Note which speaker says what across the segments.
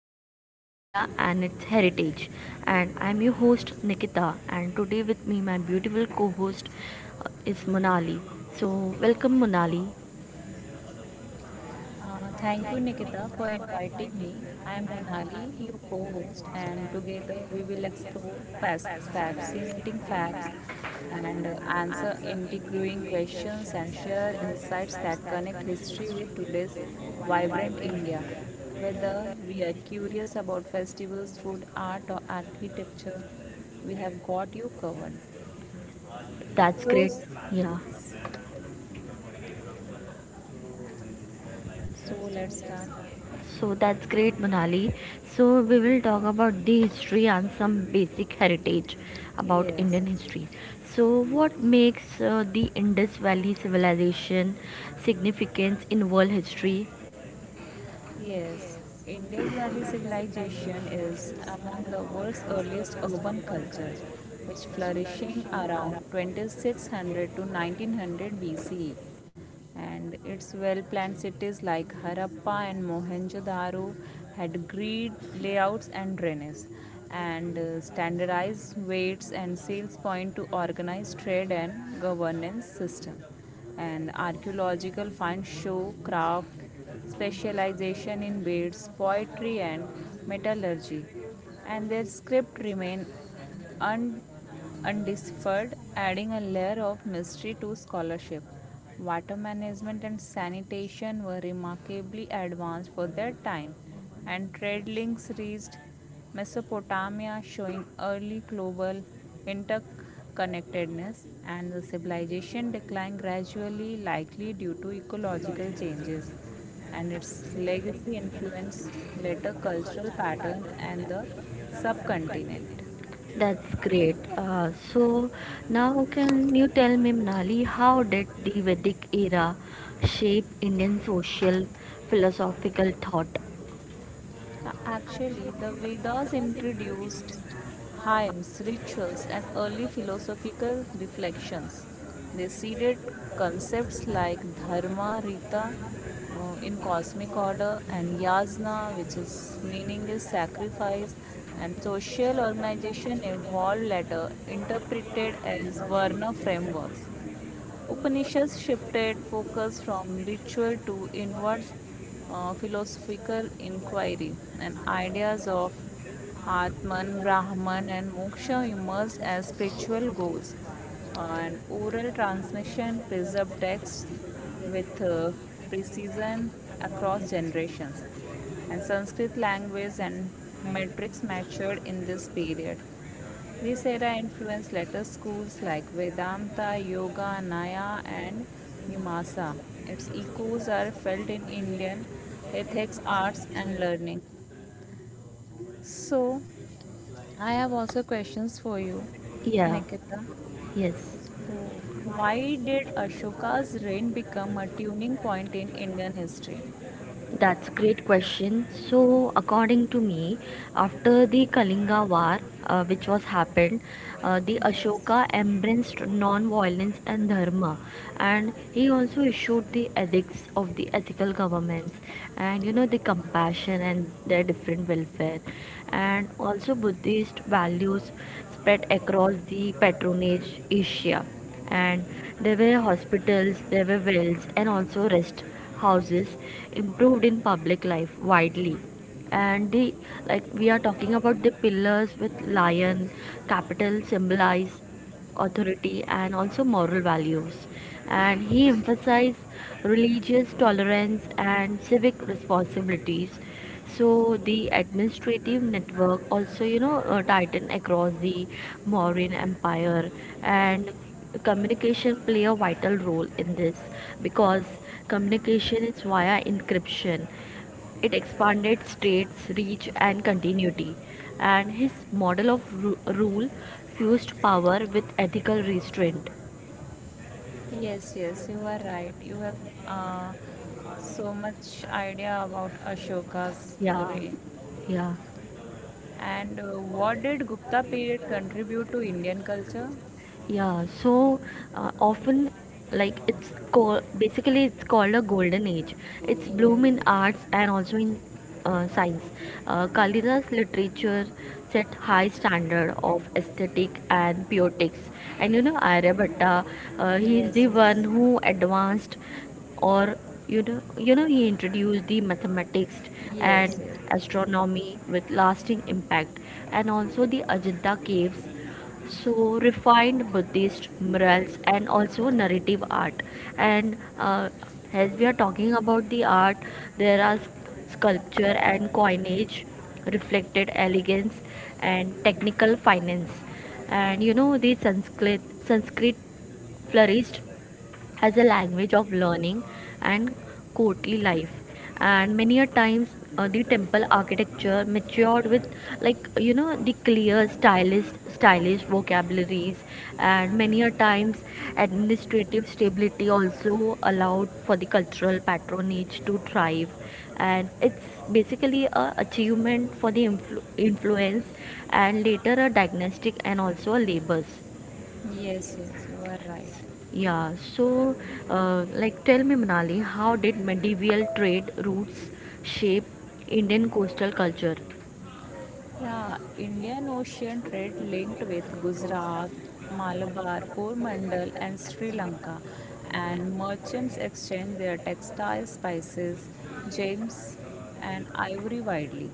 Speaker 1: the topic India and its heritage. And I'm your host Nikita, and today with me my beautiful co-host is Monali. So welcome Monali.
Speaker 2: Thank you, Nikita, for inviting me. I am Monali, your co host, and together we will explore fast, fascinating facts and answer intriguing questions and share insights that connect history with today's vibrant India. Whether we are curious about festivals, food, art, or architecture, we have got you covered.
Speaker 1: That's
Speaker 2: So,
Speaker 1: great.
Speaker 2: s-
Speaker 1: Yeah.
Speaker 2: yes, so let's start.
Speaker 1: So that's great Monali. So we will talk about the history and some basic heritage about
Speaker 2: Yes.
Speaker 1: Indian history. So what makes the Indus Valley civilization significant in world history?
Speaker 2: Yes, Indus Valley civilization is among the world's earliest urban cultures, which flourishing around 2600 to 1900 BCE. And its well-planned cities like Harappa and Mohenjo-daro had grid layouts and drainage, and standardized weights and sales point to organize trade and governance system, and archaeological finds show craft specialization in beads, poetry, and metallurgy, and their script remain un- undeciphered, adding a layer of mystery to scholarship. Water management and sanitation were remarkably advanced for their time, and trade links reached Mesopotamia, showing early global interconnectedness, and the civilization decline gradually, likely due to ecological changes, and its legacy influenced later cultural pattern and the subcontinent.
Speaker 1: That's great. So now can you tell me, Mnali, how did the Vedic era shape Indian social philosophical thought?
Speaker 2: Actually, the Vedas introduced hymns, rituals, and early philosophical reflections. They seeded concepts like dharma, rita, in cosmic order, and yasna, which is meaning is sacrifice, and social organization evolved later, interpreted as varna frameworks. Upanishads shifted focus from ritual to inward philosophical inquiry, and ideas of Atman, Brahman, and Moksha emerged as spiritual goals. And oral transmission preserved texts with precision across generations. And Sanskrit language and metrics matured in this period, this era influenced later schools like Vedanta, Yoga, Naya, and Mimamsa. Its echoes are felt in Indian ethics, arts, and learning. So, I have also questions for you,
Speaker 1: Yeah,
Speaker 2: Nikita.
Speaker 1: yes.
Speaker 2: So, why did Ashoka's reign become a turning point in Indian history?
Speaker 1: That's a great question. So, according to me, after the Kalinga War, which was happened, the
Speaker 2: Yes.
Speaker 1: Ashoka embraced non-violence and dharma, and he also issued the edicts of the ethical governments, and you know the compassion and their different welfare, and also Buddhist values spread across the patronage Asia, and there were hospitals, there were wells, and also rest houses improved in public life widely. And the like we are talking about the pillars with lion, capital symbolize authority and also moral values. And he emphasized religious tolerance and civic responsibilities, so the administrative network also, tightened across the Mauryan Empire, and communication play a vital role in this because communication is via encryption. It expanded states' reach and continuity, and his model of rule fused power with ethical restraint.
Speaker 2: Yes, yes, you are right. You have uh, so much idea about Ashoka's
Speaker 1: Yeah,
Speaker 2: reign.
Speaker 1: yeah.
Speaker 2: And what did Gupta period contribute to Indian culture?
Speaker 1: Yeah, so often like it's called, basically it's called a golden age. It's
Speaker 2: Yes,
Speaker 1: bloom in arts and also in science. Kalida's literature set high standard of aesthetic and poetics. And you know Aryabhatta, he is
Speaker 2: yes,
Speaker 1: the
Speaker 2: yes,
Speaker 1: one who advanced, or you know he introduced the mathematics
Speaker 2: yes,
Speaker 1: and
Speaker 2: yes,
Speaker 1: astronomy with lasting impact, and also the Ajanta caves so refined Buddhist murals and also narrative art. And as we are talking about the art, there are sculpture and coinage reflected elegance and technical finance. And you know the Sanskrit flourished as a language of learning and courtly life. And many a times the temple architecture matured with, like, you know, the clear stylish vocabularies. And many a times administrative stability also allowed for the cultural patronage to thrive, and it's basically a achievement for the influence and later a diagnostic and also a labors.
Speaker 2: yes, yes, you are right.
Speaker 1: Yeah, so like, tell me, Manali, how did medieval trade routes shape Indian coastal culture?
Speaker 2: Yeah, Indian Ocean trade linked with Gujarat, Malabar, Coromandel, and Sri Lanka, and merchants exchanged their textile spices, gems, and ivory widely.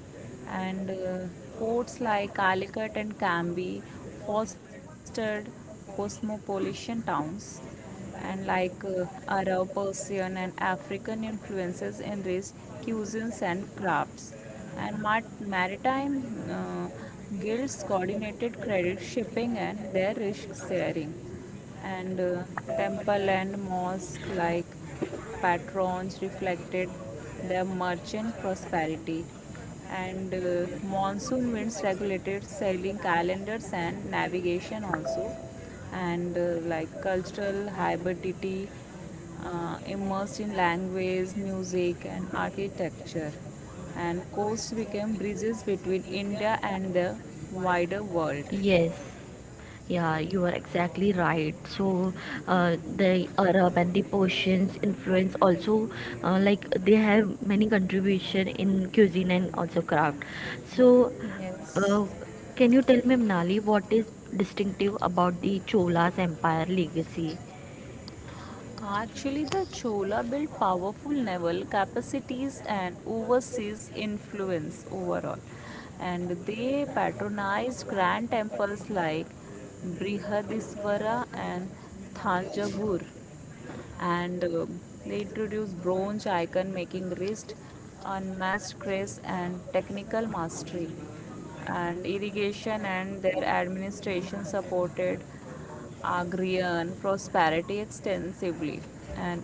Speaker 2: And ports like Calicut and Cambay fostered cosmopolitan towns, and like Arab, Persian, and African influences enriched cuisines and crafts. And maritime guilds coordinated credit shipping and their risk sharing. And temple and mosque like patrons reflected their merchant prosperity, and monsoon winds regulated sailing calendars and navigation also, and like cultural hybridity immersed in language, music, and architecture. And coasts became bridges between India and the wider world.
Speaker 1: Yes, yeah, you are exactly right. So the Arab and the Persians influence also, like, they have many contribution in cuisine and also craft. So
Speaker 2: Yes.
Speaker 1: uh, can you tell me, Manali, what is distinctive about the Chola's empire legacy?
Speaker 2: Actually, the Chola built powerful naval capacities and overseas influence overall, and they patronized grand temples like Brihadisvara and Thanjavur, and they introduced bronze icon making wrist, unmatched grace and technical mastery, and irrigation and their administration supported agrarian prosperity extensively, and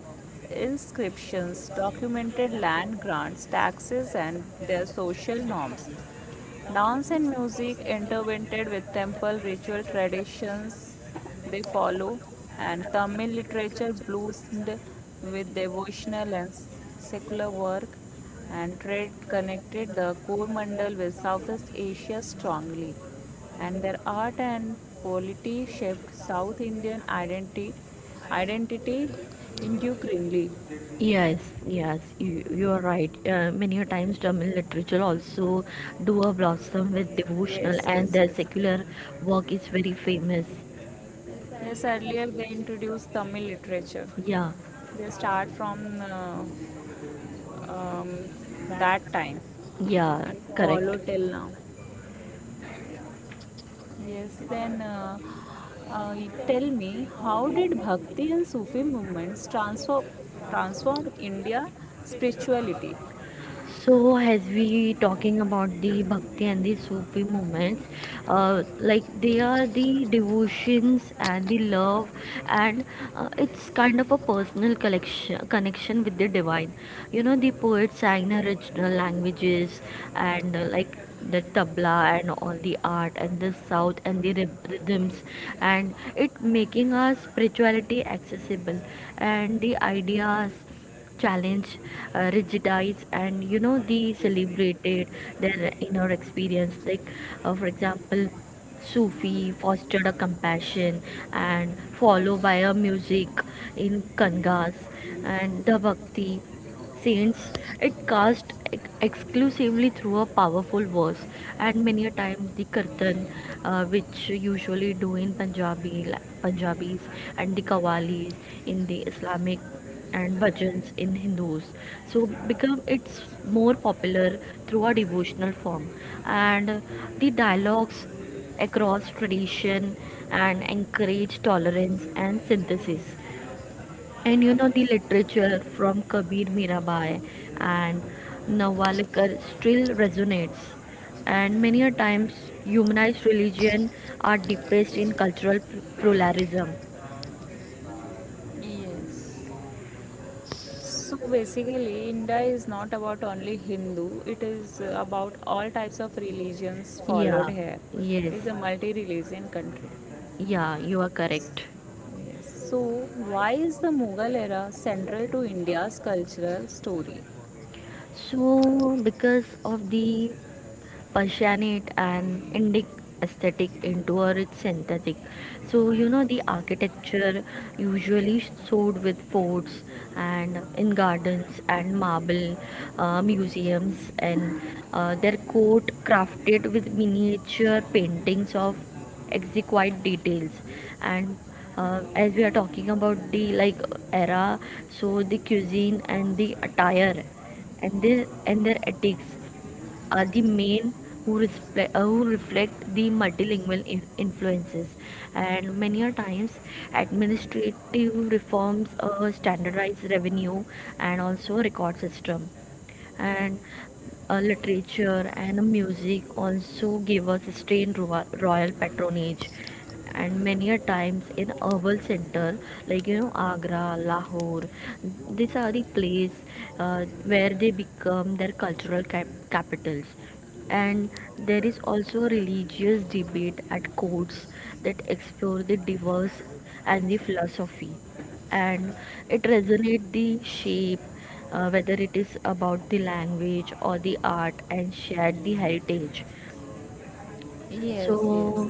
Speaker 2: inscriptions documented land grants, taxes, and their social norms. Dance and music intertwined with temple ritual traditions they follow, and Tamil literature bloomed with devotional and secular work, and trade connected the core mandal with Southeast Asia strongly, and their art and polity shaped South Indian identity intricately.
Speaker 1: Yes, yes, you are right. Many a times Tamil literature also do a blossom with
Speaker 2: Yes,
Speaker 1: devotional
Speaker 2: yes,
Speaker 1: and
Speaker 2: yes.
Speaker 1: their secular work is very famous.
Speaker 2: Yes, earlier they introduced Tamil literature.
Speaker 1: Yeah,
Speaker 2: They start from um, that time
Speaker 1: yeah,
Speaker 2: and
Speaker 1: correct.
Speaker 2: follow till now. Yes, then you tell me, how did Bhakti and Sufi movements transform India spirituality?
Speaker 1: So, as we talking about the Bhakti and the Sufi movements, like, they are the devotions and the love, and it's kind of a personal collection connection with the divine. You know, the poets sang in original languages, and like, the tabla and all the art and the south and the rhythms, and it making our spirituality accessible, and the ideas challenge rigidize. And you know they celebrated their inner experience, like, for example, Sufi fostered a compassion and followed by a music in Kangas, and the Bhakti saints, it cast exclusively through a powerful verse. And many a times the kirtan, which usually do in punjabi punjabis, and the kawalis in the Islamic, and bhajans in Hindus, so become it's more popular through a devotional form. And the dialogues across tradition and encourage tolerance and synthesis. And you know the literature from Kabir, Mirabai, and Nawalkar still resonates. And many a times humanized religion are depressed in cultural pluralism.
Speaker 2: Yes. So basically, India is not about only Hindu, it is about all types of religions followed
Speaker 1: Yeah,
Speaker 2: here.
Speaker 1: yes,
Speaker 2: It is a multi religion country.
Speaker 1: yeah, you are correct.
Speaker 2: Yes. So, why is the Mughal era central to India's cultural story?
Speaker 1: So because of the Persian it and Indic aesthetic into a rich synthetic. So you know the architecture usually showed with forts and in gardens and marble museums. And their court crafted with miniature paintings of exquisite details. And as we are talking about the like era, so the cuisine and the attire and their ethics are the main who reflect the multilingual influences. And many a times administrative reforms standardized revenue and also record system. And literature and music also give us sustained royal patronage. And many a times in urban center, like, you know, Agra, Lahore, these are the places where they become their cultural capitals. And there is also religious debate at courts that explore the diverse and the philosophy, and it resonates the shape, whether it is about the language or the art and shared the heritage.
Speaker 2: Yes, yes.
Speaker 1: So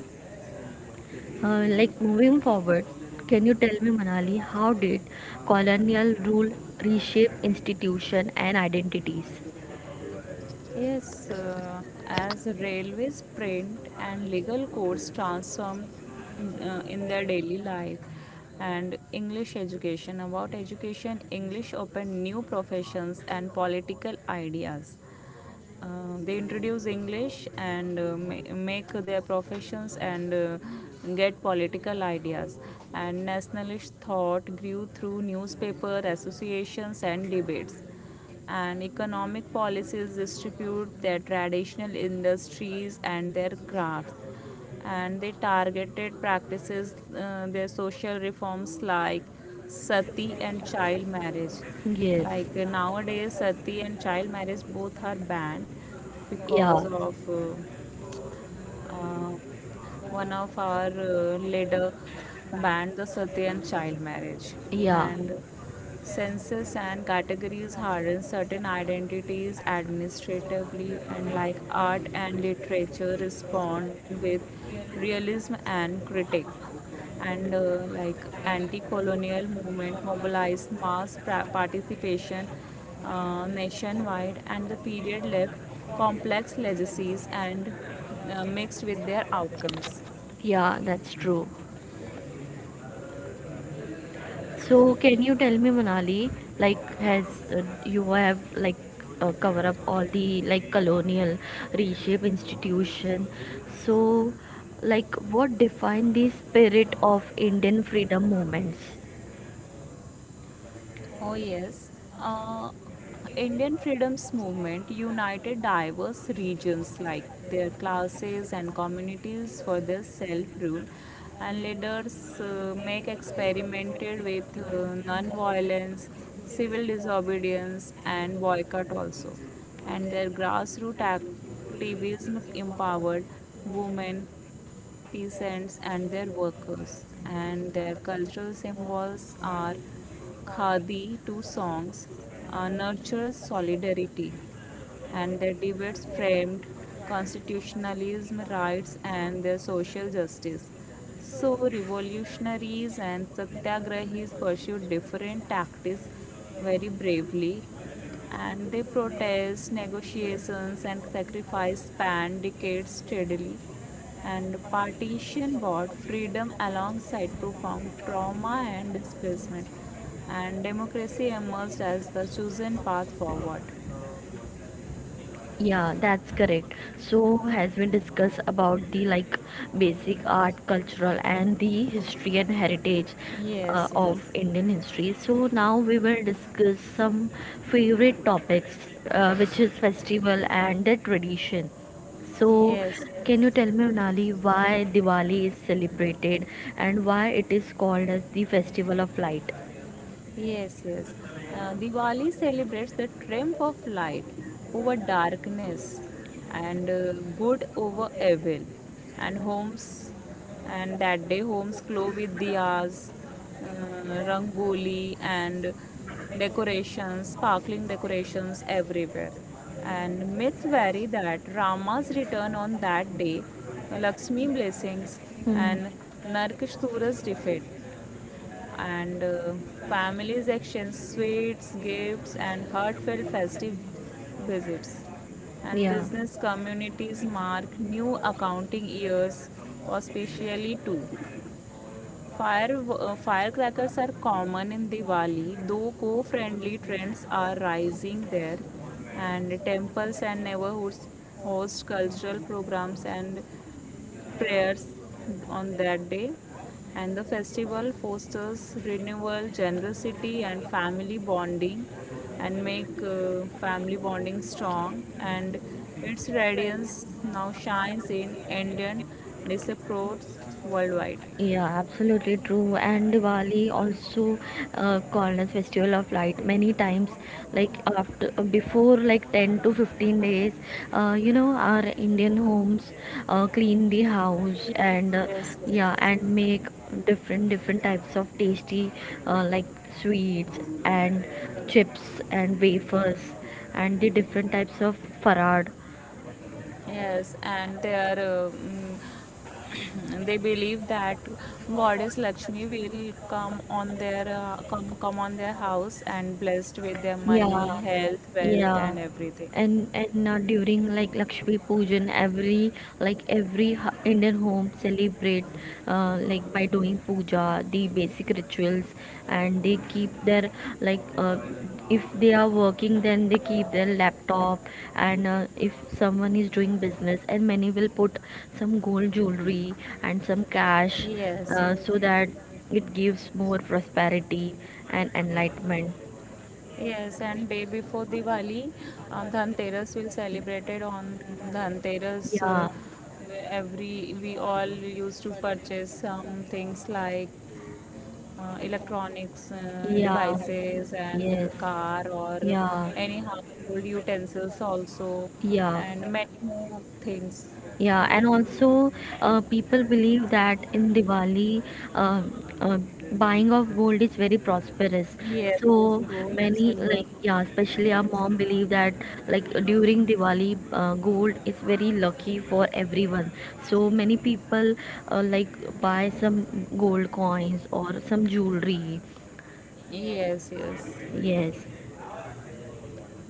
Speaker 1: like, moving forward, can you tell me, Manali, how did colonial rule reshape institution and identities?
Speaker 2: Yes, as railways, print, and legal codes transformed in their daily life, and English education. About education, English opened new professions and political ideas. They introduce English and make their professions and get political ideas. And nationalist thought grew through newspaper associations and debates. And economic policies distribute their traditional industries and their crafts, and they targeted practices, their social reforms like sati and child marriage,
Speaker 1: Yes.
Speaker 2: like nowadays sati and child marriage both are banned
Speaker 1: Yeah,
Speaker 2: because of uh, one of our leader banned the sati and child marriage,
Speaker 1: yeah,
Speaker 2: and Census and categories harden certain identities administratively, and like art and literature, respond with realism and critique. And like anti-colonial movement mobilized mass participation nationwide, and the period left complex legacies and mixed with their outcomes.
Speaker 1: yeah, that's true. So, can you tell me, Manali, like, has you have, like, cover up all the like colonial reshape institution? So, like, what define the spirit of Indian freedom movements?
Speaker 2: Oh, yes. Uh, Indian freedoms movement united diverse regions like their classes and communities for their self-rule, and leaders make experimented with non-violence, civil disobedience, and boycott also. And their grassroots activism empowered women, peasants and their workers, and their cultural symbols are khadi two songs, nurtures solidarity, and their debates framed constitutionalism, rights, and their social justice. So, revolutionaries and satyagrahis pursued different tactics very bravely, and they protests, negotiations, and sacrifice spanned decades steadily. And partition brought freedom alongside profound trauma and displacement, and democracy emerged as the chosen path forward.
Speaker 1: Yeah, that's correct. So has been discussed about the like basic art, cultural and the history and heritage
Speaker 2: Yes,
Speaker 1: of
Speaker 2: yes.
Speaker 1: Indian history. So now we will discuss some favorite topics, which is festival and the tradition. So
Speaker 2: Yes,
Speaker 1: can you
Speaker 2: yes.
Speaker 1: tell me, Nali, why Diwali is celebrated and why it is called as the festival of light?
Speaker 2: Yes, yes. Diwali celebrates the triumph of light over darkness and good over evil. And homes, and that day homes glow with diyas, rangoli, and decorations, sparkling decorations everywhere. And myths vary that Rama's return on that day, Lakshmi blessings,
Speaker 1: Hmm.
Speaker 2: and Narkasura's defeat, and families exchange sweets, gifts, and heartfelt festive visits. And
Speaker 1: Yeah.
Speaker 2: business communities mark new accounting years auspiciously too. Firecrackers are common in Diwali, though co-friendly trends are rising there, and temples and neighborhoods host cultural programs and prayers on that day. And the festival fosters renewal, generosity, and family bonding, and make family bonding strong. And its radiance now shines in Indian diaspora worldwide.
Speaker 1: Yeah, absolutely true. And Diwali also called as festival of light many times. Like after before like 10 to 15 days, our Indian homes clean the house,
Speaker 2: Yes,
Speaker 1: and
Speaker 2: yes,
Speaker 1: yeah, and
Speaker 2: yes.
Speaker 1: make different different types of tasty, like, sweets and chips and wafers and the different types of farad.
Speaker 2: Yes, and they are they believe that Goddess Lakshmi will come on their come come on their house and blessed with their money,
Speaker 1: Yeah,
Speaker 2: health, wealth,
Speaker 1: yeah.
Speaker 2: and everything.
Speaker 1: And during like Lakshmi Pujan, every Indian home celebrate, like, by doing puja, the basic rituals. And they keep their, like, if they are working, then they keep their laptop. And if someone is doing business, and many will put some gold jewelry and some cash,
Speaker 2: Yes, yes,
Speaker 1: so that it gives more prosperity and enlightenment.
Speaker 2: yes. And day before Diwali, Dhanteras will celebrated on Dhanteras.
Speaker 1: Yeah,
Speaker 2: Every we all used to purchase some things like electronics
Speaker 1: yeah,
Speaker 2: devices and
Speaker 1: yes,
Speaker 2: car or
Speaker 1: yeah,
Speaker 2: any household utensils also,
Speaker 1: yeah,
Speaker 2: and many more things.
Speaker 1: yeah. And also, people believe that in Diwali, uh, uh, buying of gold is very prosperous.
Speaker 2: Yes, yes,
Speaker 1: So
Speaker 2: gold and
Speaker 1: many,
Speaker 2: silver.
Speaker 1: like, yeah, especially our
Speaker 2: Yes,
Speaker 1: mom believe that, like, during Diwali, gold is very lucky for everyone. So many people, like, buy some gold coins or some jewelry.
Speaker 2: yes, yes.
Speaker 1: Yes.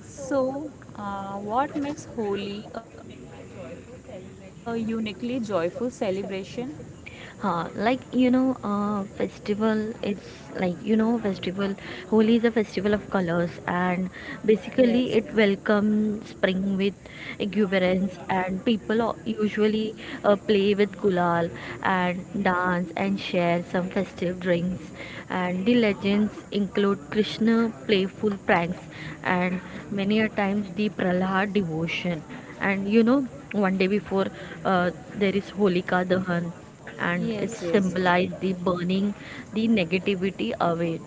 Speaker 2: So what makes holi a uniquely joyful celebration?
Speaker 1: festival is like you know festival holi is a festival of colors. And
Speaker 2: Yes,
Speaker 1: basically, it
Speaker 2: yes,
Speaker 1: welcomes spring with exuberance, and people usually play with gulal and dance and share some festive drinks. And the legends include Krishna playful pranks, and many a times the Prahlad devotion. And you know one day before, uh, there is Holika Dahan, and
Speaker 2: yes,
Speaker 1: it
Speaker 2: yes,
Speaker 1: symbolized the burning the negativity away.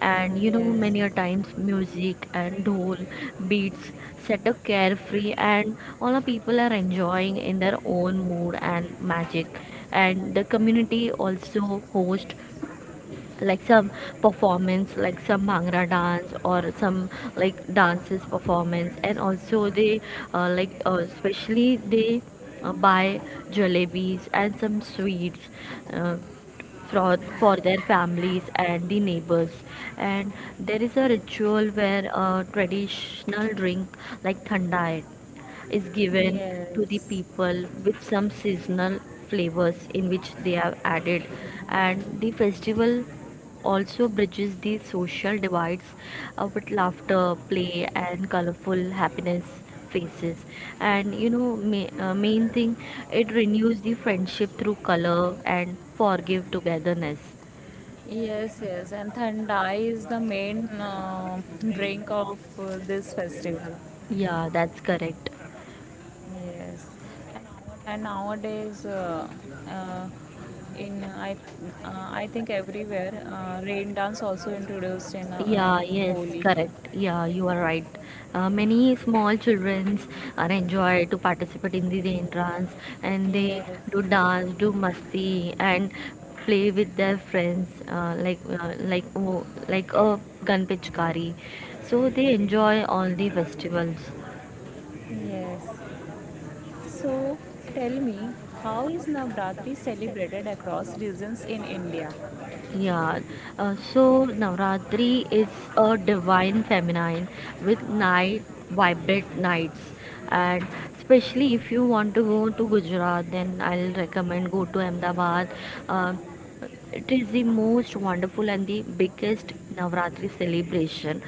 Speaker 1: And you know
Speaker 2: yes,
Speaker 1: many a
Speaker 2: yes,
Speaker 1: times music and dhol beats set a carefree, and all the people are enjoying in their own mood and magic. And the community also host like some performance, like some bhangra dance or some, like, dances performance. And also they, like, especially they buy jalebis and some sweets, uh, for their families and the neighbors. And there is a ritual where a traditional drink like thandai is given to the
Speaker 2: yes.
Speaker 1: people with some seasonal flavors in which they have added. And the festival also bridges the social divides, with laughter, play, and colorful happiness faces. And you know, main thing, it renews the friendship through color and forgive togetherness.
Speaker 2: Yes, yes, and Thandai is the main drink of this festival.
Speaker 1: Yeah, that's correct.
Speaker 2: Yes, and nowadays, uh, in I think everywhere, rain dance also introduced in
Speaker 1: Yeah, yes, correct.
Speaker 2: Holi.
Speaker 1: Yeah, you are right. Many small children are enjoy to participate in these entrance, and they do
Speaker 2: Yes,
Speaker 1: dance, do masti, and play with their friends, like, like, oh, like a gun pitchkari. So they enjoy all the festivals.
Speaker 2: yes. So tell me, how is Navratri celebrated across regions in India?
Speaker 1: Yeah, so Navratri is a divine feminine with night, vibrant nights. And especially if you want to go to Gujarat, then I'll recommend go to Ahmedabad. Um it is the most wonderful and the biggest Navratri celebration,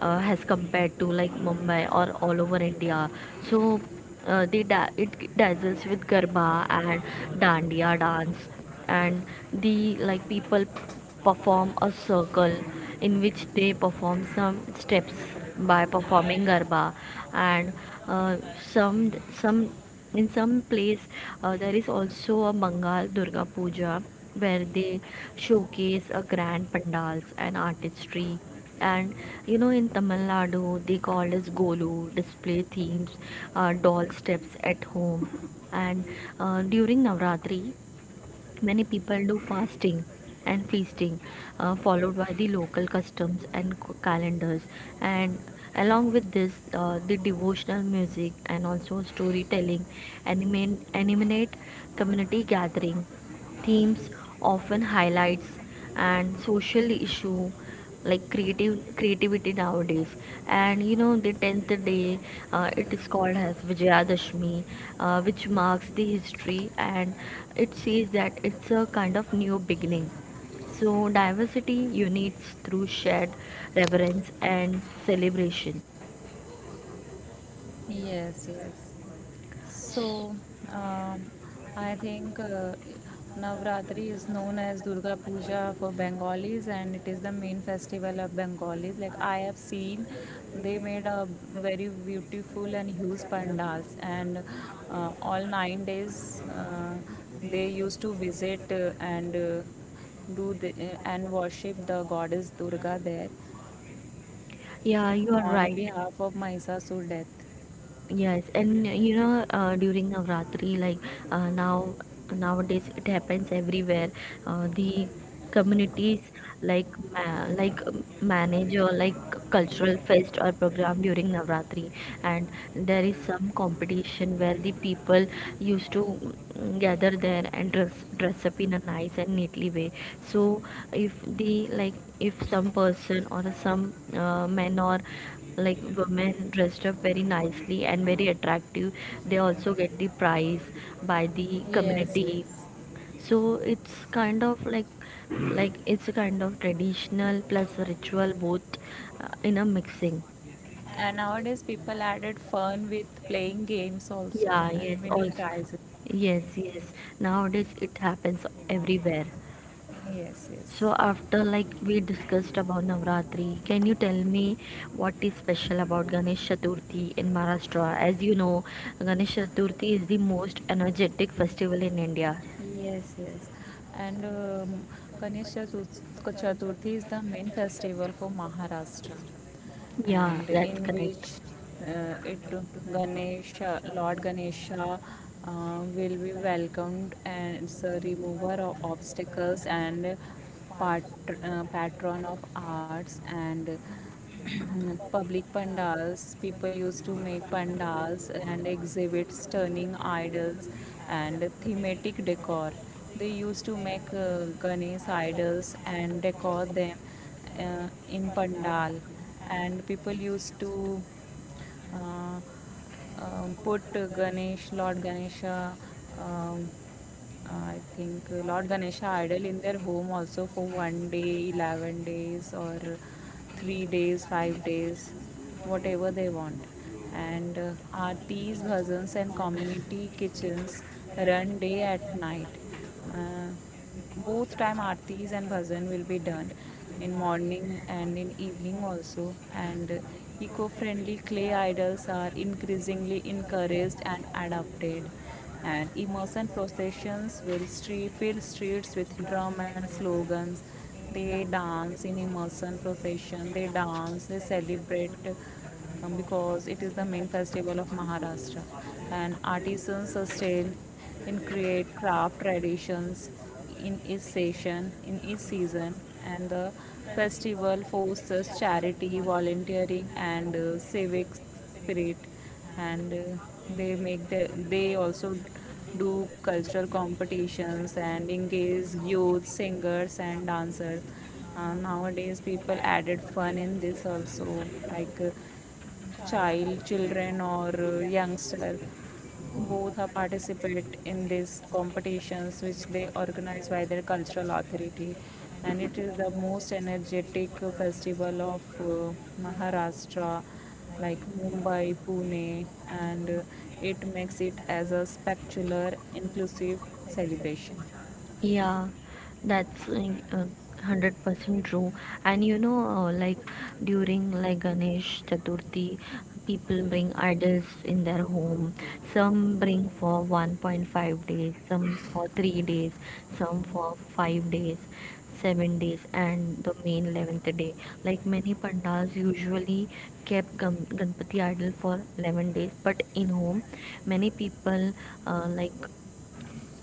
Speaker 1: as compared to like Mumbai or all over India. So it dazzles with garba and dandiya dance. And the like people perform a circle in which they perform some steps by performing garba. And uh, some in some place there is also a Mangal Durga Puja where they showcase a grand pandals and artistry. And you know in Tamil Nadu they call as Golu display themes, doll steps at home. And during Navratri, many people do fasting and feasting, followed by the local customs and calendars. And along with this, the devotional music and also storytelling animate community gathering. Themes often highlights and social issue like creative creativity nowadays. And you know, the 10th day, it is called as vijayadashmi, which marks the history, and it says that it's a kind of new beginning. So diversity unites through shared reverence and celebration.
Speaker 2: Yes, yes. So, um I think Navratri is known as Durga Puja for Bengalis, and it is the main festival of Bengalis. Like I have seen, they made a very beautiful and huge pandals, and all 9 days they used to visit and do the, and worship the goddess Durga there
Speaker 1: Yeah, you are
Speaker 2: on
Speaker 1: right.
Speaker 2: behalf of Mahisasur death.
Speaker 1: Yes, and you know, during Navratri, like uh, now nowadays it happens everywhere. The communities like like manage or like cultural fest or program during Navratri, and there is some competition where the people used to gather there and dress up in a nice and neatly way. So if the, like, if some person or some men or like women dressed up very nicely and very attractive, they also get the prize by the
Speaker 2: Yes,
Speaker 1: community.
Speaker 2: yes.
Speaker 1: So it's kind of like it's a kind of traditional plus ritual both, in a mixing.
Speaker 2: And nowadays, people added fun with playing games also
Speaker 1: Yeah, yes,
Speaker 2: and winning
Speaker 1: also.
Speaker 2: prizes.
Speaker 1: Yes, yes, nowadays it happens everywhere.
Speaker 2: Yes,
Speaker 1: So
Speaker 2: yes.
Speaker 1: after, like, we discussed about Navratri, can you tell me what is special about Ganesh Chaturthi in Maharashtra? As you know, Ganesh Chaturthi is the most energetic festival in India.
Speaker 2: Yes, yes. And Ganesh Chatur- Chaturthi is the main festival for Maharashtra,
Speaker 1: Yeah,
Speaker 2: and
Speaker 1: that's
Speaker 2: in
Speaker 1: correct.
Speaker 2: which it Ganesha, Lord Ganesha will be welcomed as a remover of obstacles and pat- patron of arts, and public pandals, people used to make pandals and exhibits turning idols and thematic decor, they used to make ganesh idols and decor them in pandal, and people used to uh, put Ganesh, Lord Ganesha, um, I think Lord Ganesha idol in their home also for 1 day, 11 days, or 3 days, 5 days, whatever they want. And aartis, bhajans, and community kitchens run day at night. Uh, Both time aartis and bhajan will be done in morning and in evening also, and eco-friendly clay idols are increasingly encouraged and adopted, and immersion processions will street, fill streets with drum and slogans, they dance in immersion procession, they dance, they celebrate, because it is the main festival of Maharashtra, and artisans sustain in create craft traditions in each session, in each season, and the festival fosters charity, volunteering, and civic spirit, and they make the they also do cultural competitions and engage youth singers and dancers. Nowadays, people added fun in this also, like child, children, or youngster both are participate in these competitions which they organize by their cultural authority, and it is the most energetic festival of Maharashtra, like Mumbai, Pune, and it makes it as a spectacular, inclusive celebration.
Speaker 1: Yeah, that's 100% true. And you know, like during like Ganesh Chaturthi, people bring idols in their home. Some bring for 1.5 days, some for 3 days, some for 5 days, 7 days, and the main 11th day. Like many pandals usually kept Ganpati idol for 11 days, but in home, many people uh, like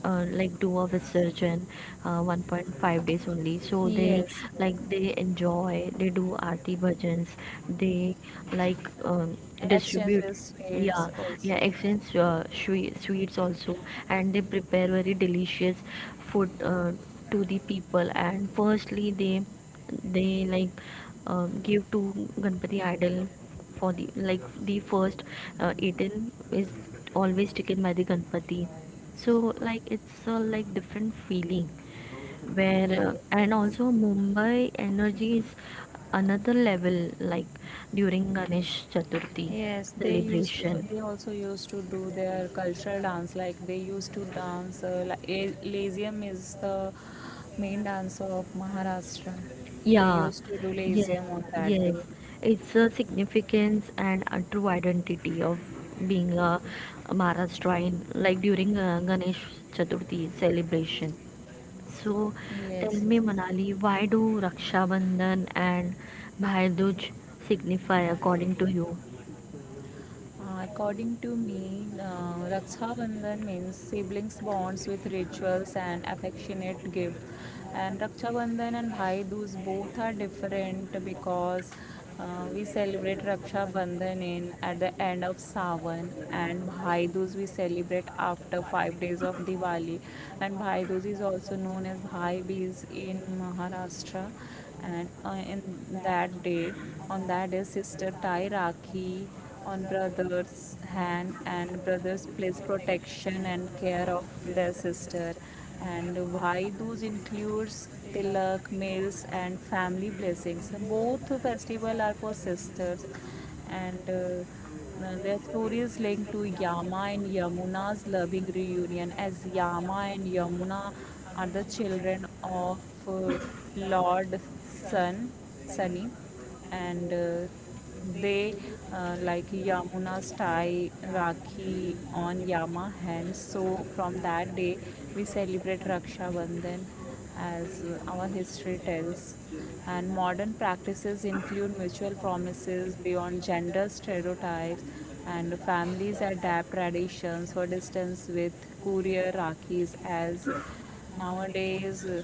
Speaker 1: like do of a surgeon 1.5 days only, so they,
Speaker 2: Yes, yes,
Speaker 1: like, they enjoy, they do arti bhajans, they, like, distribute.
Speaker 2: exchanges sweets
Speaker 1: Yeah, yeah,
Speaker 2: also.
Speaker 1: exchange sweets also. And they prepare very delicious food to the people, and firstly they, like, give to ganpati idol for the, like, the first eaten is always taken by the Ganpati. So like it's a, like, different feeling where
Speaker 2: Yes,
Speaker 1: and
Speaker 2: yes.
Speaker 1: also Mumbai energy is another level, like, during Ganesh Chaturthi
Speaker 2: Yes, they used to,
Speaker 1: celebration.
Speaker 2: they also used to do their cultural dance, like they used to dance like Lazium is the main dance of Maharashtra. They
Speaker 1: Yeah,
Speaker 2: used to do
Speaker 1: yes,
Speaker 2: Lazium on that
Speaker 1: yes.
Speaker 2: day.
Speaker 1: It's a significance and a true identity of being a Maharashtrian, like during Ganesh Chaturthi celebration. So, tell
Speaker 2: Yes,
Speaker 1: me,
Speaker 2: yes.
Speaker 1: Manali, why do Raksha Bandhan and Bhai Dooj signify according to you?
Speaker 2: According to me, Raksha Bandhan means siblings bonds with rituals and affectionate gift. And Raksha Bandhan and Bhai Dooj both are different because we celebrate Raksha Bandhan in at the end of Sawan and Bhai Dooj we celebrate after 5 days of Diwali. And Bhai Dooj is also known as Bhai Bees in Maharashtra. And that day, on that day, sister tie Rakhi on brother's hand and brothers place protection and care of their sister and Bhai Dooj includes tilak, meals and family blessings. Both festival are for sisters and their story is linked to Yama and Yamuna's loving reunion as Yama and Yamuna are the children of uh, Lord Sun, Sunny and they like Yamuna's tie Rakhi on Yama hands. So from that day, we celebrate Raksha Bandhan as our history tells. And modern practices include mutual promises beyond gender stereotypes, and families adapt traditions for distance with courier Rakhis as nowadays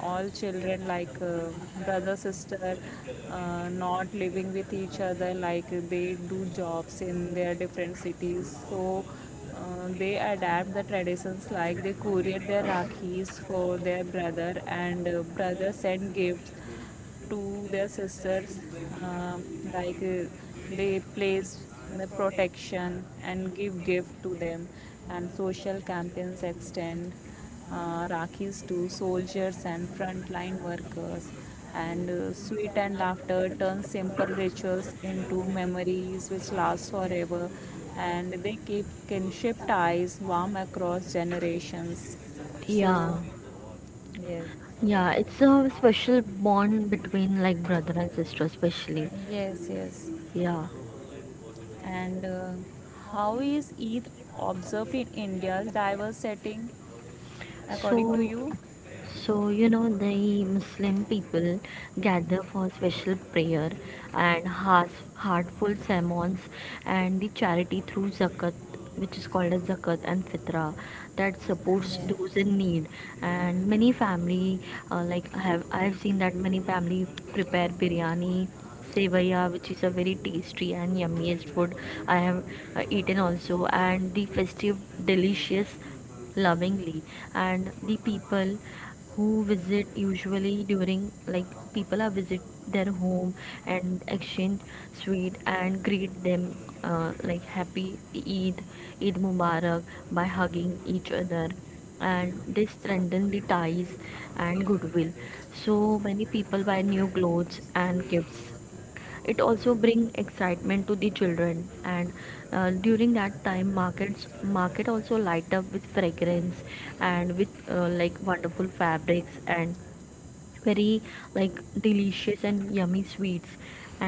Speaker 2: all children like brother sister not living with each other like they do jobs in their different cities so they adapt the traditions like they courier their rakhis for their brother and brother send gifts to their sisters um, like uh, they place the protection and give gift to them and social campaigns extend rakhis to soldiers and frontline workers and sweet and laughter turn simple rituals into memories which last forever and they keep kinship ties warm across generations so
Speaker 1: Yeah,
Speaker 2: yes
Speaker 1: yeah, it's a special bond between like brother and sister, especially.
Speaker 2: Yes, yes.
Speaker 1: Yeah.
Speaker 2: And how is Eid observed in India's diverse setting, according to
Speaker 1: So,
Speaker 2: you?
Speaker 1: so you know the Muslim people gather for special prayer and heartful sermons and the charity through zakat, which is called as zakat and fitra, that supports
Speaker 2: Yeah.
Speaker 1: those in need. And many family, like I have seen that many family prepare biryani, Sevaiya, which is a very tasty and yummiest food I have eaten also. And the festive, delicious, lovingly, and the people who visit usually during like, people are visit their home and exchange sweet and greet them, like happy Eid, Eid Mubarak, by hugging each other, and they strengthen the ties and goodwill. So many people buy new clothes and gifts. It also bring excitement to the children, and during that time market also light up with fragrance and with like wonderful fabrics and very, like, delicious and yummy sweets.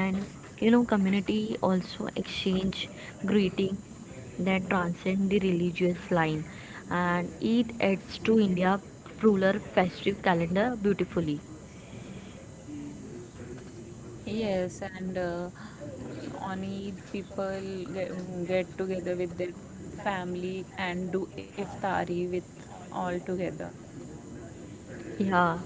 Speaker 1: And you know, community also exchange greeting that transcend the religious line, and it adds to india ruler festive calendar beautifully.
Speaker 2: Yes, and on Eid, people get together with their family and do iftari with all together.
Speaker 1: Yeah.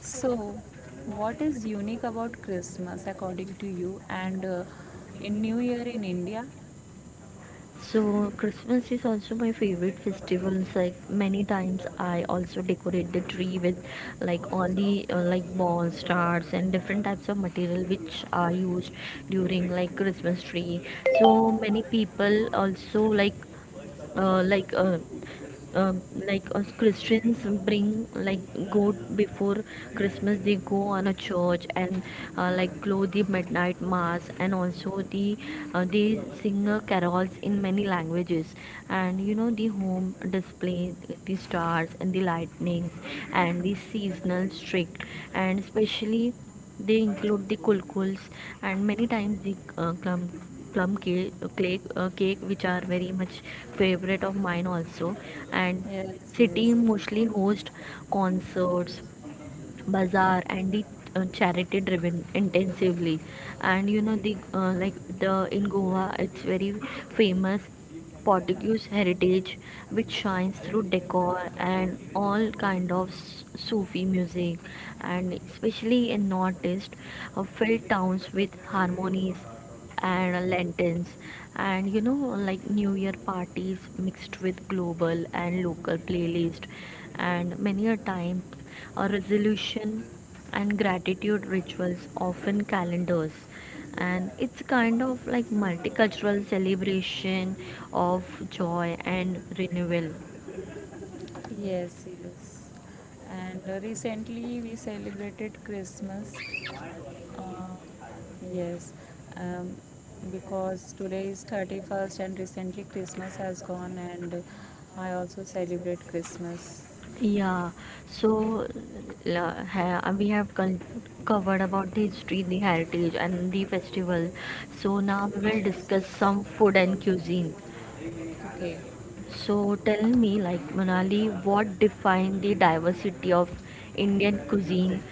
Speaker 2: So, what is unique about Christmas according to you and in New Year in India?
Speaker 1: So Christmas is also my favorite festival. It's like many times I also decorate the tree with, like, all the like balls, stars, and different types of material which are used during like Christmas tree. So many people also like uh, like uh, uh, like us Christians bring like go before Christmas, they go on a church and like glow the midnight mass, and also the they sing carols in many languages. And you know, the home display the stars and the lightnings and the seasonal streak, and especially they include the kulkuls and many times the plum cake, cake, which are very much favorite of mine also. And
Speaker 2: Yes,
Speaker 1: city
Speaker 2: yes.
Speaker 1: mostly host concerts, bazaar, and the charity driven intensively. And you know, the like the in goa it's very famous portuguese heritage which shines through decor and all kind of sufi music, and especially in northeast, filled towns with harmonies and lanterns. And you know, like, new year parties mixed with global and local playlist, and many a time a resolution and gratitude rituals often calendars, and it's kind of like multicultural celebration of joy and renewal.
Speaker 2: Yes, yes. And recently we celebrated Christmas. Uh, yes, um, because today is 31st and recently Christmas has gone and I also celebrate Christmas.
Speaker 1: Yeah, so we have covered about the history, the heritage, and the festival. So now we will discuss some food and cuisine.
Speaker 2: Okay.
Speaker 1: So tell me, like, Manali, what define the diversity of Indian cuisine?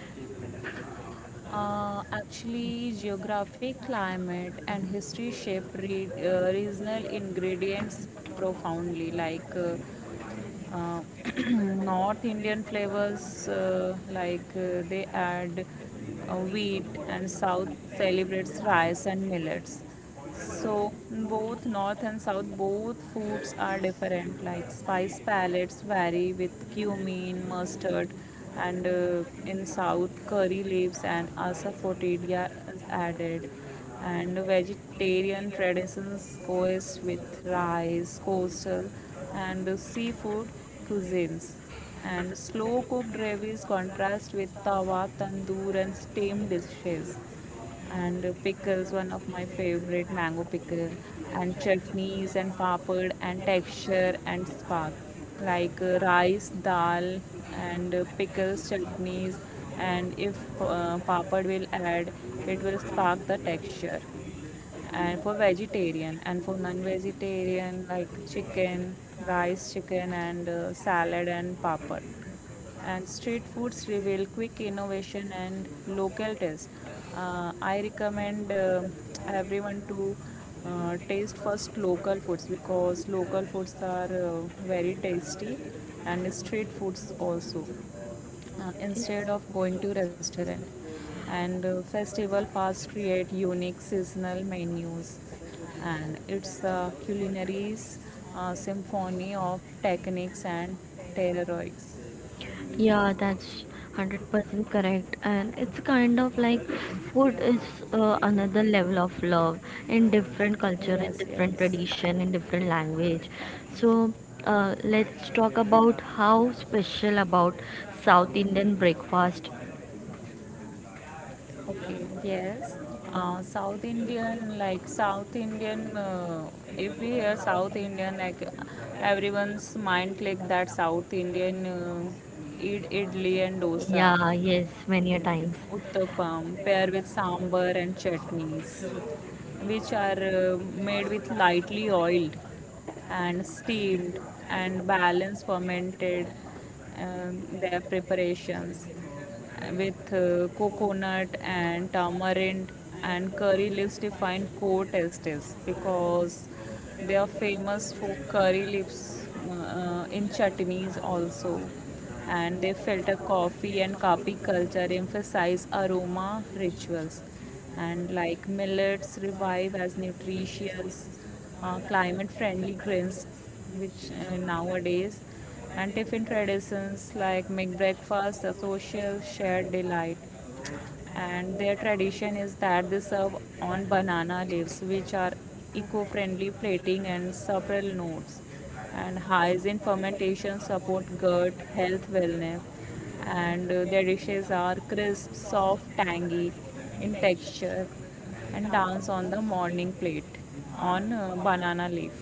Speaker 2: Actually, geography, climate, and history shape regional ingredients profoundly. Uh, North Indian flavors, they add wheat, and South celebrates rice and millets. So both north and south, both foods are different. Like spice palettes vary with cumin, mustard, and in south curry leaves and asafoetida is added. And vegetarian traditions coexist with rice, coastal, and seafood cuisines. And slow cooked gravies contrast with tawa, tandoor, and steamed dishes and pickles one of my favorite mango pickle and chutneys and papad and texture and spark like rice dal and pickles chutneys and if papad will add it will spark the texture and for vegetarian and for non-vegetarian like chicken rice chicken and salad and papad and street foods reveal quick innovation and local taste I recommend everyone to taste first local foods because local foods are very tasty and street foods also instead of going to restaurant and festival fast create unique seasonal menus and it's a culinary symphony of techniques and terroirs.
Speaker 1: Yeah, that's 100% correct. And it's kind of like food is another level of love in different culture, in
Speaker 2: Yes,
Speaker 1: different
Speaker 2: yes.
Speaker 1: tradition, in different language. So let's talk about how special about South Indian breakfast.
Speaker 2: Okay, yes. South Indian if we hear South Indian like everyone's mind click that South Indian eat idli and dosa.
Speaker 1: Yeah, yes, many a
Speaker 2: Yes,
Speaker 1: times.
Speaker 2: uttapam paired with sambar and chutneys, which are made with lightly oiled and steamed and balanced fermented their preparations with coconut and tamarind and curry leaves define core tastes because they are famous for curry leaves in chutneys also and they filter coffee and kapi culture emphasize aroma rituals and like millets revive as nutritious climate friendly grains which nowadays and tiffin traditions like make breakfast a social shared delight and their tradition is that they serve on banana leaves which are eco-friendly plating and several notes and highs in fermentation support gut health wellness and their dishes are crisp soft tangy in texture and dance on the morning plate on banana leaf.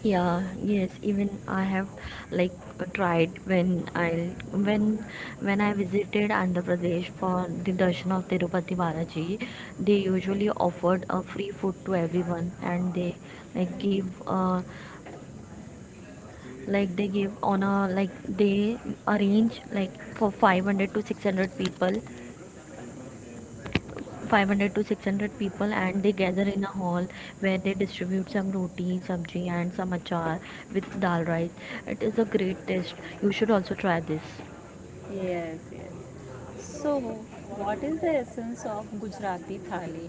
Speaker 1: Yeah, yes, even I have, like, tried when I visited Andhra Pradesh for the darshan of Tirupati Balaji, they usually offered a free food to everyone, and they, like, give uh, like they give on a, like, they arrange like for 500 to 600 people, 500 to 600 people, and they gather in a hall where they distribute some roti sabji and some achar with dal rice. It is a great taste, you should also try this.
Speaker 2: Yes, yes. So what is the essence of Gujarati thali?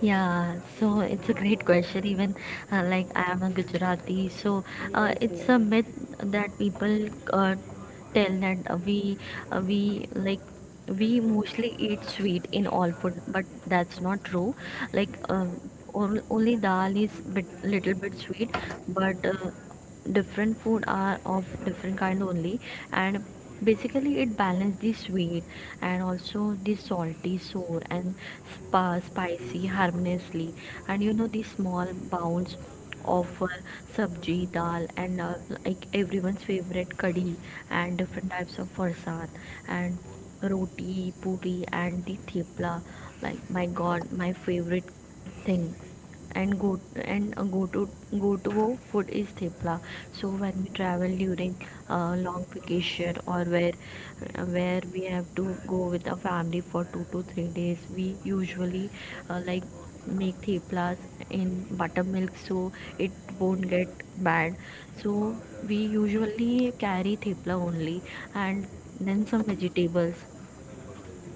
Speaker 1: Yeah, so it's a great question. Even like I am a Gujarati, so
Speaker 2: Yes,
Speaker 1: it's
Speaker 2: yes.
Speaker 1: a myth that people uh, tell that we, like, we mostly eat sweet in all food, but that's not true. Like only dal is bit little bit sweet, but different food are of different kind only. And basically it balances the sweet and also the salty, sour, and spa spicy harmoniously. And you know, the small bounds offer sabji, dal, and like everyone's favorite kadhi, and different types of farsad, and roti, puri, and the thepla. Like, my god, my favorite thing, and go to go to food is thepla. So when we travel during long vacation, or where we have to go with a family for 2 to 3 days, we usually like make theplas in buttermilk so it won't get bad. So we usually carry thepla only, and then some vegetables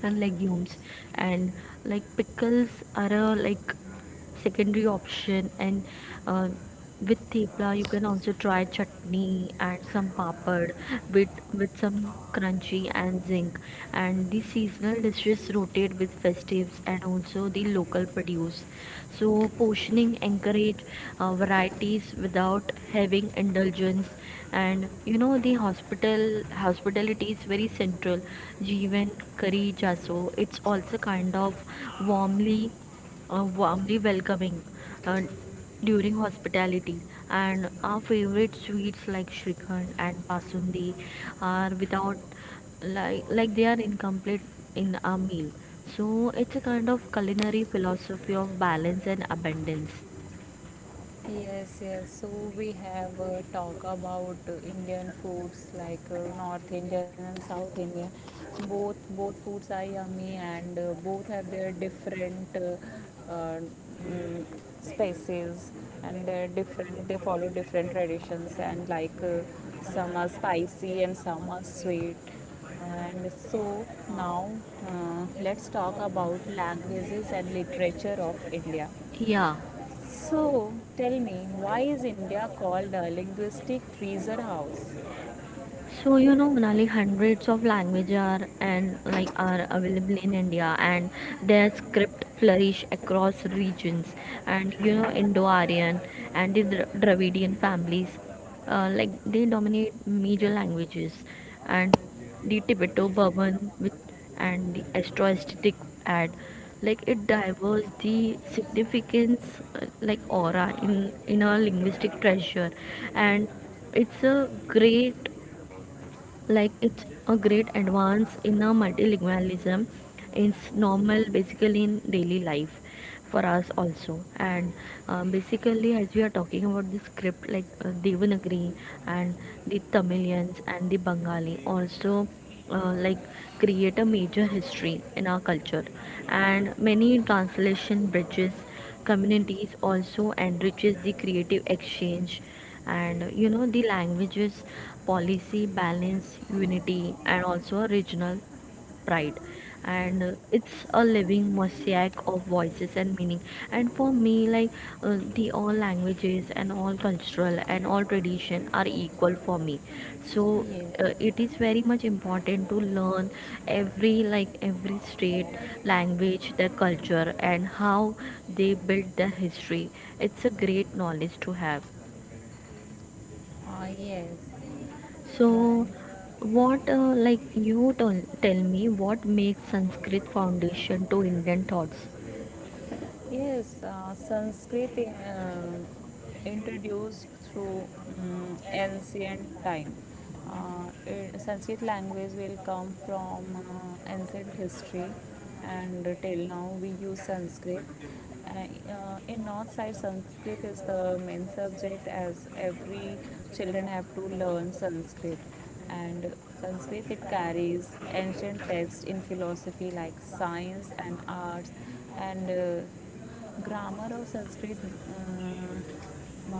Speaker 1: and legumes and like pickles are a, like, secondary option. And uh, with thepla you can also try chutney and some papad with with some crunchy and zinc. And the seasonal dishes rotate with festives and also the local produce. So portioning encourage varieties without having indulgence. And you know, the hospitality is very central. Jeevan curry jaso, it's also kind of warmly warmly welcoming uh, during hospitality. And our favorite sweets like shrikhand and basundi are without, like, like they are incomplete in a meal. So it's a kind of culinary philosophy of balance and abundance.
Speaker 2: Yes, yes. So we have talk about Indian foods like North Indian and South Indian. Both foods are yummy and both have their different uh, mm, spaces and they're different. They follow different traditions and like some are spicy and some are sweet. And so now let's talk about languages and literature of India.
Speaker 1: Yeah.
Speaker 2: So, tell me, why is India called a linguistic freezer house?
Speaker 1: So you know, Monali, hundreds of languages are and, like, are available in India, and their script flourish across regions. And you know, Indo-Aryan and the Dravidian families, like they dominate major languages, and the Tibeto-Burman with and the Astro-Aesthetic add, like it diverges the significance, like aura in a linguistic treasure. And it's a great, like, it's a great advance in a multilingualism. It's normal basically in daily life for us also. And basically as we are talking about the script, like devanagari and the tamilians and the bengali also, like create a major history in our culture. And many translation bridges communities also enriches the creative exchange. And you know, the languages policy balance unity and also regional pride. And it's a living mosaic of voices and meaning. And for me, like, the all languages and all cultural and all tradition are equal for me. So
Speaker 2: Yes,
Speaker 1: it is very much important to learn every, like, every state language, their culture, and how they built their history. It's a great knowledge to have.
Speaker 2: ah, yes,
Speaker 1: So
Speaker 2: and
Speaker 1: what like you tell, tell me what makes sanskrit foundation to indian thoughts.
Speaker 2: yes, Sanskrit introduced through ancient time. Sanskrit language will come from ancient history, and till now we use Sanskrit. In north side Sanskrit is the main subject as every children have to learn Sanskrit and sanskrit it carries ancient texts in philosophy like science and arts and grammar of Sanskrit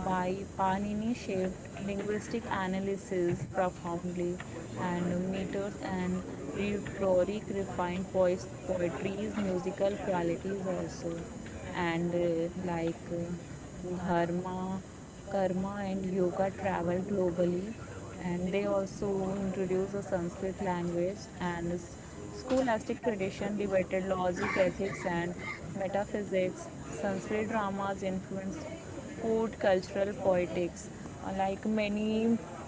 Speaker 2: by Panini shaped linguistic analysis profoundly, and meters and rhetoric refined poetry's musical qualities also, and dharma karma and yoga travel globally and they also introduce the Sanskrit language and scholastic tradition debated logic ethics and metaphysics. Sanskrit dramas influenced court cultural poetics. Uh, like many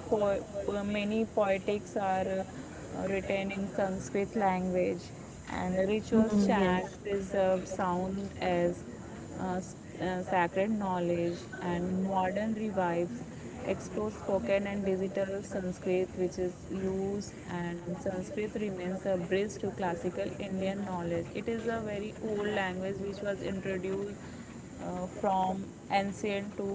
Speaker 2: Many poetics are written in Sanskrit language and rituals
Speaker 1: Hmm, yes.
Speaker 2: chant preserved sound as uh, s- sacred knowledge and modern revives explore spoken and digital Sanskrit which is used and Sanskrit remains a bridge to classical Indian knowledge. It is a very old language which was introduced from ancient to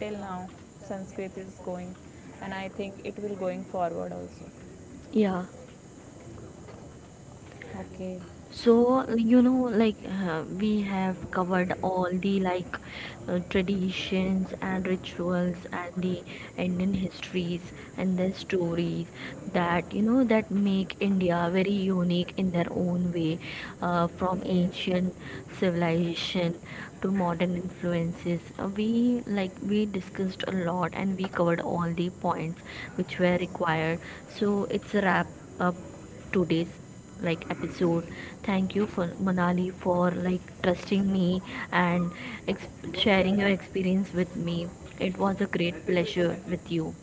Speaker 2: till now Sanskrit is going and I think it will going forward also.
Speaker 1: Yeah.
Speaker 2: Okay.
Speaker 1: So, you know, like, we have covered all the, like, traditions and rituals and the Indian histories and the stories that, you know, that make India very unique in their own way, from ancient civilization to modern influences. We, like, we discussed a lot and we covered all the points which were required. So it's a wrap up today's, like, episode. Thank you for Manali for, like, trusting me and ex- sharing your experience with me. It was a great pleasure with you.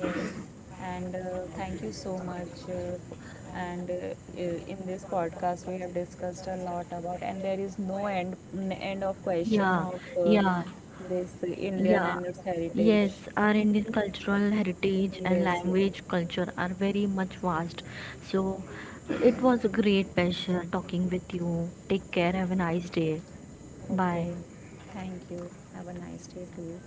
Speaker 2: Yes, and thank you so much. And uh, in this podcast, we have discussed a lot about, and there is no end end of question
Speaker 1: Yeah,
Speaker 2: of
Speaker 1: yeah,
Speaker 2: this Indian
Speaker 1: yeah.
Speaker 2: and its heritage.
Speaker 1: Yes, our Indian cultural heritage and
Speaker 2: Yes, yes,
Speaker 1: language culture are very much vast. So it was a great pleasure talking with you. Take care. Have a nice day. Bye.
Speaker 2: okay. Thank you. Have a nice day too.